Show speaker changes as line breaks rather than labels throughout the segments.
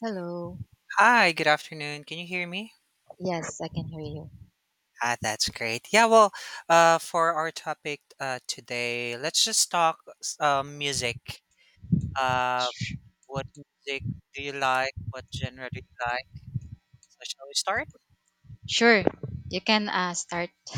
Hello.
Hi, good afternoon. Can you hear me?
Yes, I can hear you.
Ah, that's great. Yeah, well, for our topic today, let's just talk music. Uh,
Sh-
what music do you like? What genre do you like? So shall we start?
Sure, you can start.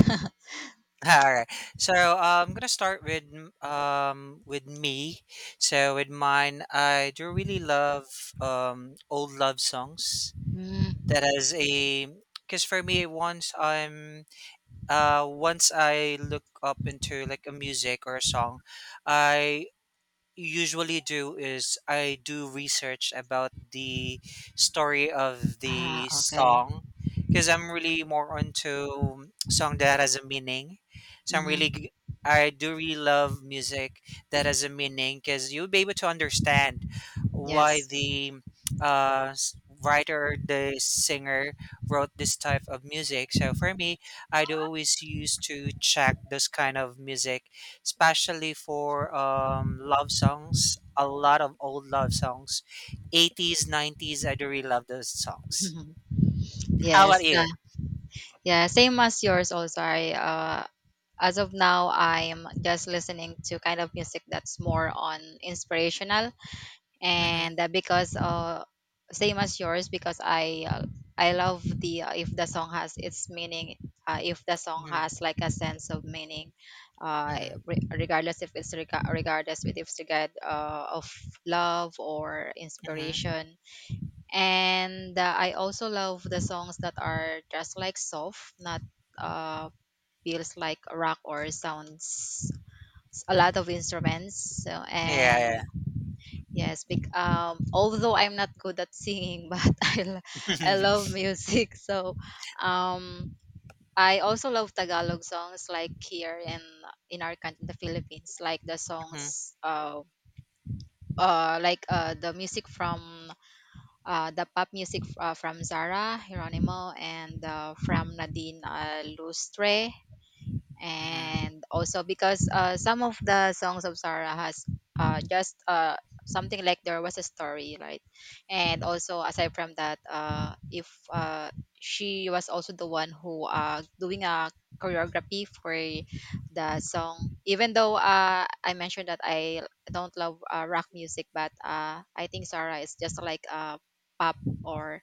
All right. So I'm gonna start with with me. So with mine, I do really love old love songs.
Mm,
That has a because for me, once I'm once I look up into like a music or a song, I usually do is I do research about the story of
ah,
the
okay.
song because I'm really more onto song that has a meaning. So
Mm-hmm.
I do really love music that has a meaning because you'll be able to understand why
Yes.
the writer, the singer wrote this type of music. So for me, I'd always used to check this kind of music especially for love songs. A lot of old love songs, 80s, 90s. I do really love those songs. How about
Yes.
you?
Yeah. Yeah. Same as yours also. I As of now I'm just listening to kind of music that's more on inspirational
Mm-hmm.
and because same as yours because I I love the if the song has its meaning, if the song
Mm-hmm.
has like a sense of meaning, uh
Mm-hmm.
re- regardless if it's rega- regardless with if it's regard of love or
Hmm.
inspiration. And I also love the songs that are just like soft, not uh feels like rock or sounds a lot of instruments so, and
Yeah.
yes, although I'm not good at singing, but
Yeah.
I love music. So um, I also love Tagalog songs, like here in our country, the Philippines, like the
Hmm.
songs, like the music from, the pop music, from Zara Geronimo, and from Nadine Lustre.
Hmm.
And also because some of the songs of Sarah has, just something like there was a story, right? And also aside from that, if she was also the one who doing a choreography for the song, even though I mentioned that I don't love rock music, but I think Sarah is just like a pop, or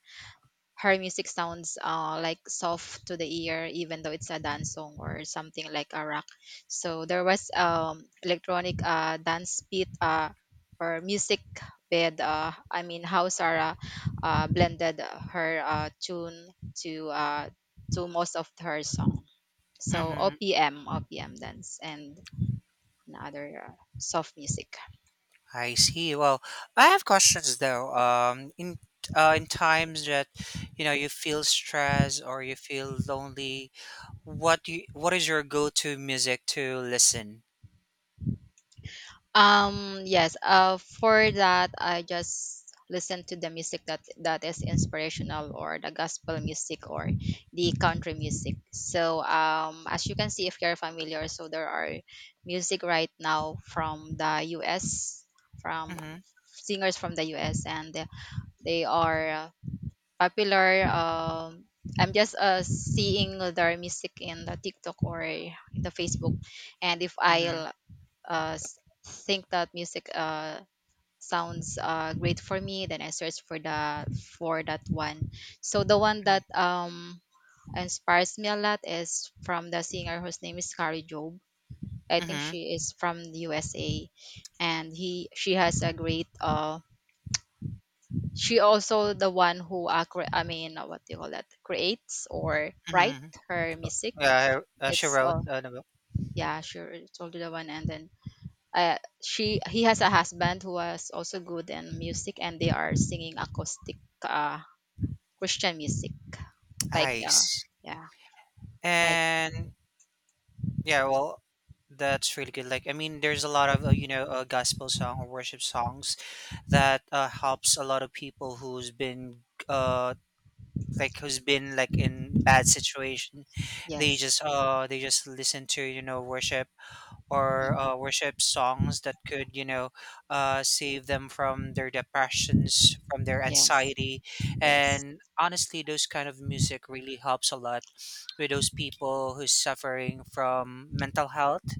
her music sounds like soft to the ear, even though it's a dance song or something like a rock. So there was electronic dance beat, or music bed. I mean, how Sarah blended her tune to uh, to most of her song. So
Hmm.
OPM, OPM dance, and another soft music.
I see. Well, I have questions though. In times that you feel stressed or you feel lonely, what is your go-to music to listen?
Yes, for that, I just listen to the music that is inspirational, or the gospel music, or the country music. So, as you can see, if you're familiar, so there are music right now from the U.S., from
Mm-hmm.
singers from the U.S., and they are popular. I'm just seeing their music in the TikTok or in the Facebook, and if
Mm-hmm.
I uh, s- think that music sounds great for me, then I search for the for that one. So the one
Mm-hmm.
that inspires me a lot is from the singer whose name is Carrie Job. I think
Mm-hmm.
she is from the USA, and he she has a great, she also the one who what do you call that, creates or write
Mm-hmm.
her music.
Yeah, I, she
It's
wrote the book.
Yeah, sure, it's also the one. And then she he has a husband who was also good in music, and they are singing acoustic uh, Christian music, like,
Ice.
yeah, like
And yeah, well, that's really good. Like, I mean, there's a lot of gospel song or worship songs that helps a lot of people who's been uh like who's been like in bad situation.
yes.
They just listen to worship or
Mhm.
worship songs that could, save them from their depressions, from their
Yes.
anxiety.
Yes.
And honestly, those kind of music really helps a lot with those people who's suffering from mental health.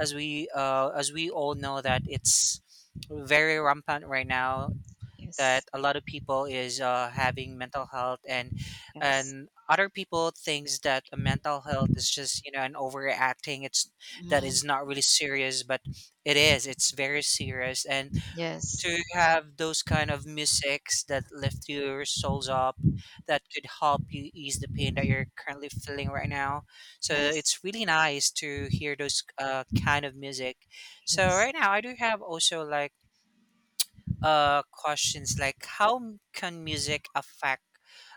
As we all know that it's very rampant right now that
Yes.
a lot of people is having mental health and
Yes.
other people thinks that a mental health is just an overacting. It's that is
Mm.
not really serious, but it is, it's very serious, and
Yes.
to have those kind of musics that lift your souls up, that could help you ease the pain that you're currently feeling right now. So
Yes.
it's really nice to hear those kind of music. So
Yes.
right now I do have also like questions like how can music affect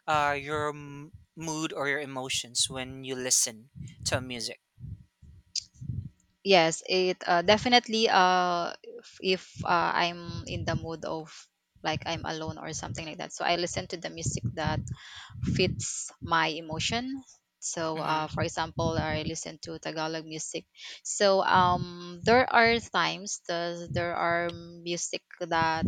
mood or your emotions when you listen to music?
Yes, it definitely if, I'm in the mood of like I'm alone or something like that, so I listen to the music that fits my emotion. So,
Mm-hmm.
for example, I listen to Tagalog music. So, there are times there are music that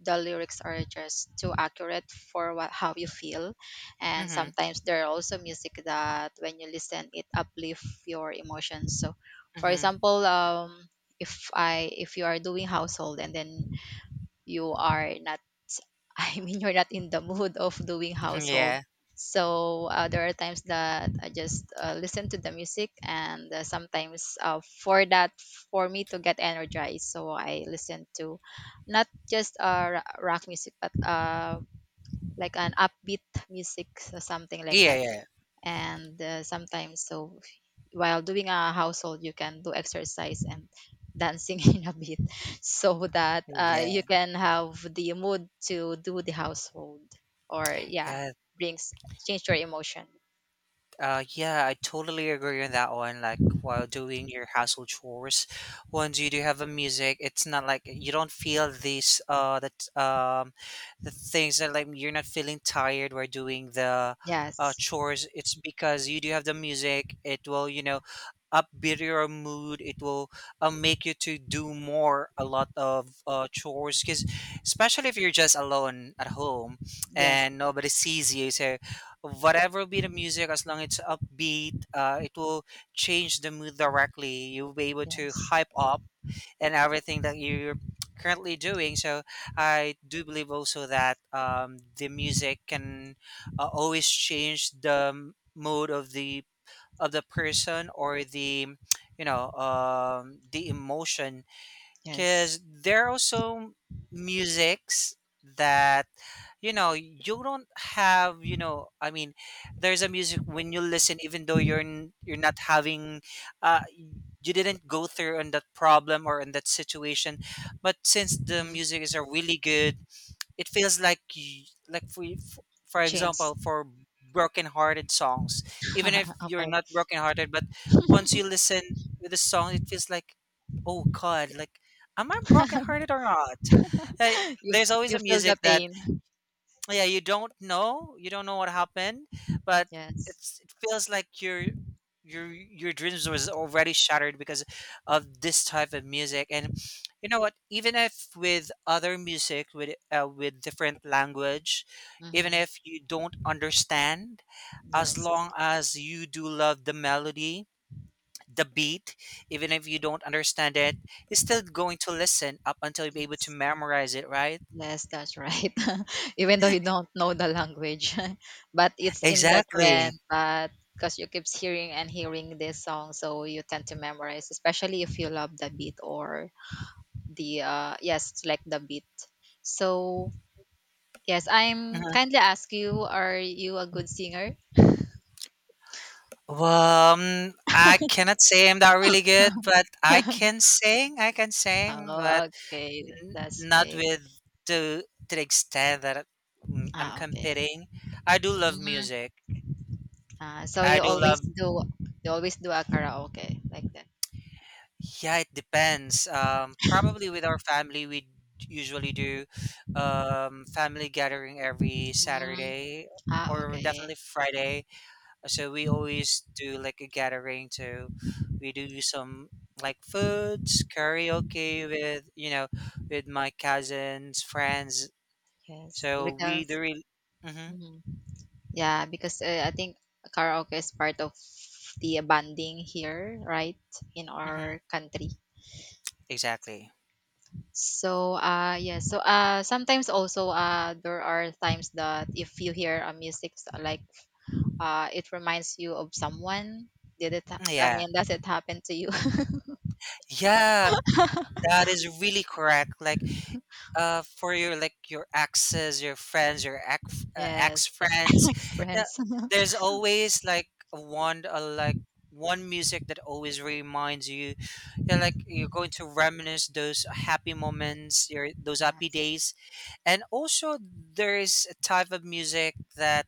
the lyrics are just too accurate for what, how you feel, and
Mm-hmm.
sometimes there are also music that when you listen, it uplift your emotions. So, for
Mm-hmm.
example, if you are doing household and then you are not, I mean, you're not in the mood of doing household.
Yeah.
So there are times that I just listen to the music, and sometimes for that, for me to get energized, so I listen to not just rock music, but like an upbeat music, so something like
Yeah.
that.
Yeah.
And sometimes so while doing a household you can do exercise and dancing in a bit, so that
Yeah.
you can have the mood to do the household, or yeah,
Yeah.
brings, change your emotion.
Yeah, I totally agree on that one. Like while doing your household chores, once you do have a music, it's not like you don't feel this that the things that like you're not feeling tired while doing the
Yes.
chores. It's because you do have the music. It will upbeat your mood. It will make you to do more a lot of chores. Because especially if you're just alone at home
Yes.
and nobody sees you, so whatever be the music, as long it's upbeat, it will change the mood directly. You'll be able to
Yes.
hype up and everything that you're currently doing. So I do believe also that the music can always change the mood of the person or the the emotion
Yes.
because there are also musics that you know you don't have you know I mean there's a music when you listen even though you're not having you didn't go through on that problem or in that situation, but since the
Hmm.
music is a really good, it feels like for
Change.
example for broken-hearted songs, even if you're
Okay.
not broken-hearted, but once you listen to the song, it feels like, oh God, like am I broken-hearted or not? Uh,
You
there's always a
you feel
music
the
that
pain.
yeah you don't know, you don't know what happened, but
Yes.
it's, it feels like your your dreams was already shattered because of this type of music. And you know what, even if with other music with different language, even
Hmm.
if you don't understand, as
Yes.
long as you do love the melody, the beat, even if you don't understand it, you're still going to listen up until you're able to
Yes.
memorize it, right?
Yes, that's right. Even though you don't know the language, but it's in the
Exactly.
trend. But because you keeps hearing and hearing this song, so you tend to memorize, especially if you love the beat or the yes, it's like the beat. So yes, I'm kindly ask you, are you a good singer?
Well, I cannot say I'm that really good, but I can sing. I can sing, but
Oh, okay, that's
not
great.
with the to the extent that I'm
Ah, okay.
competing. I do love
Mm.
music.
Ah, so
I do love.
you always do a karaoke like that.
Yeah, it depends. Probably with our family, usually do family gathering every
Mm.
Saturday
Ah,
or
okay.
definitely Friday. So we always do like a gathering to we do some like foods, karaoke with with my cousins, friends.
Yes,
So we
because
do really mm-hmm,
mhm. Yeah, because I think karaoke is part of the bonding here, right, in
mm-hmm,
our country.
exactly.
So, yeah, so sometimes also there are times that if you hear a music like it reminds you of someone. Did it? I
Yeah.
mean, does it happen to you?
Yeah, that is really correct. Like for your like your exes, your friends, your ex
Yes,
ex
yeah,
friends. Yeah,
friends.
there's always like one music that always reminds you. Yeah, like you're going to reminisce those happy moments, your those happy
Yes,
days, and also there is a type of music that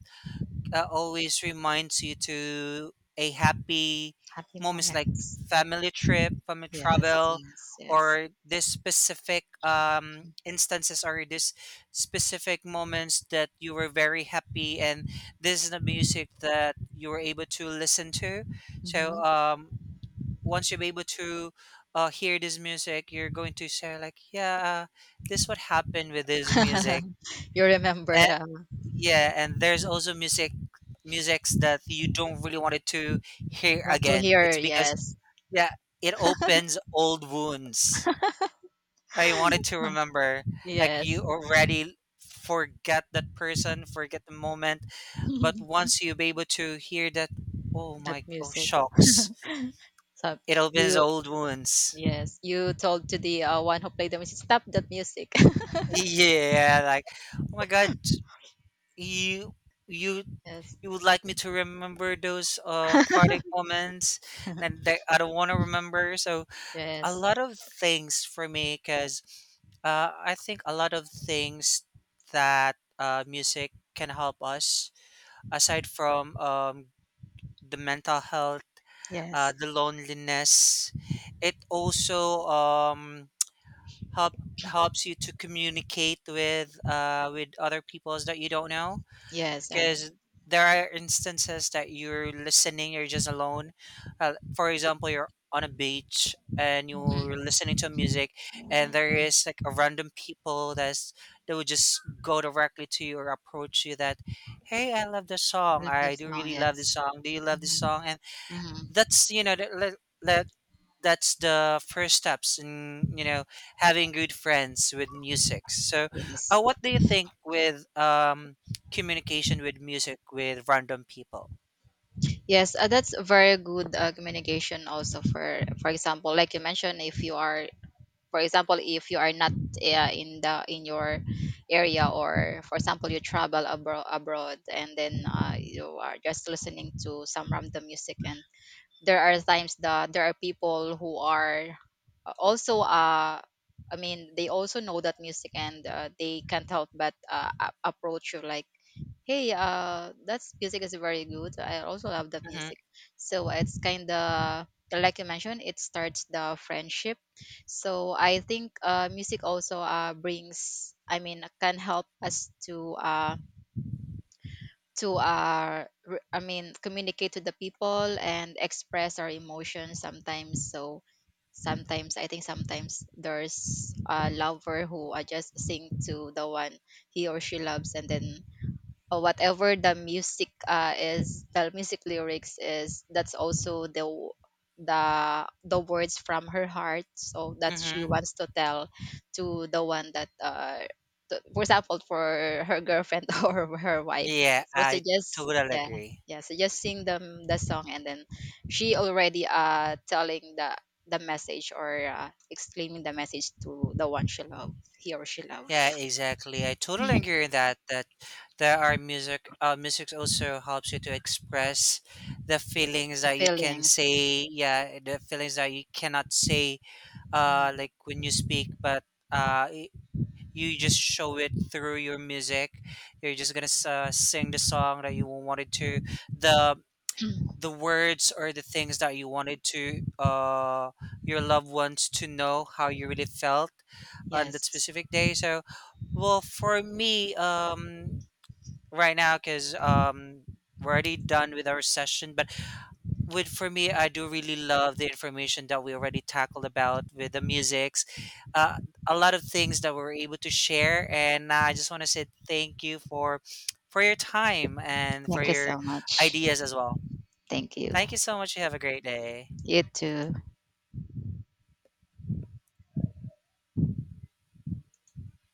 always reminds you to a happy
happy
moments, like
moments.
family trip, family
Yes,
travel,
yes, yes.
or this specific instances or this specific moments that you were very happy, and this is the music that you were able to listen to.
Hmm.
So once you're able to hear this music, you're going to say like, yeah, this what happened with this music,
You remember,
and yeah, and there's also music, musics that you don't really want it to hear
want to
again.
hear,
It's because
yes.
yeah, it opens old wounds. I wanted to
Huh.
remember, like
Yes.
you already forget that person, forget the moment, but once you be able to hear that, oh
That
my, oh
music.
shocks,
So
it opens
you,
old wounds.
yes, you told to the one who played the music, stop that music.
Yeah, like, oh my God, you you
Yes.
you would like me to remember those heartache moments that, that I don't want to remember. So a
Yes.
lot of things for me, because I think a lot of things that music can help us, aside from the mental health,
Yes.
the loneliness, it also help helps you to communicate with other peoples that you don't know
Yes, and
because there are instances that you're listening you're just alone. For example, you're on a beach and you're
mhm.
listening to music, and there
Mhm.
is like a random people that's that would just go directly to you or approach you that hey, I love this song,
Like
I
that
do
song,
really love this
yes.
song, do you love this
Hmm.
song? And
Hmm.
that's you know that, that that that's the first steps in you know having good friends with music. So
Yes,
what do you think with communication with music with random people?
yes, that's very good communication. Also, for example, like you mentioned, if you are, for example, if you are not in the in your area, or for example, you travel abroad, and then you are just listening to some random music, and there are times that there are people who are also I mean, they also know that music, and they can't help but approach you like, hey, that music is very good. I also love that
Mm-hmm.
music. So it's kind of, like you mentioned, it starts the friendship. So I think music also brings, I mean, can help us to I mean, communicate to the people and express our emotions sometimes. So sometimes I think sometimes there's a lover who just sing to the one he or she loves, and then, or whatever the music is the music lyrics is, that's also the words from her heart, so that she
Mm-hmm.
wants to tell to the one that to, for example, for her girlfriend or her wife,
Yeah,
so so
I
just
totally
yeah,
agree.
yeah, so just sing them the song, and then she already telling the message, or exclaiming the message to the one she love, he or she love,
Yeah, exactly, I totally
the
agree with that there are music, music also helps you to express the feelings that you can
feelings.
say, yeah, the feelings that you cannot say
Mhm.
when you speak, but uh i- you just show it through your music. You're just gonna sing the song that you wanted to. The the words or the things that you wanted to your loved ones to know how you really felt on that
Yes.
specific day. So, well, for me, right now, because we're already done with our session, with for me, I do really love the information that we already tackled about with the musics, uh, a lot of things that we were able to share, and I just want to say thank you for your time and for
Thank you
your
so much.
ideas as well.
Thank you.
Thank you so much. You have a great day.
You too.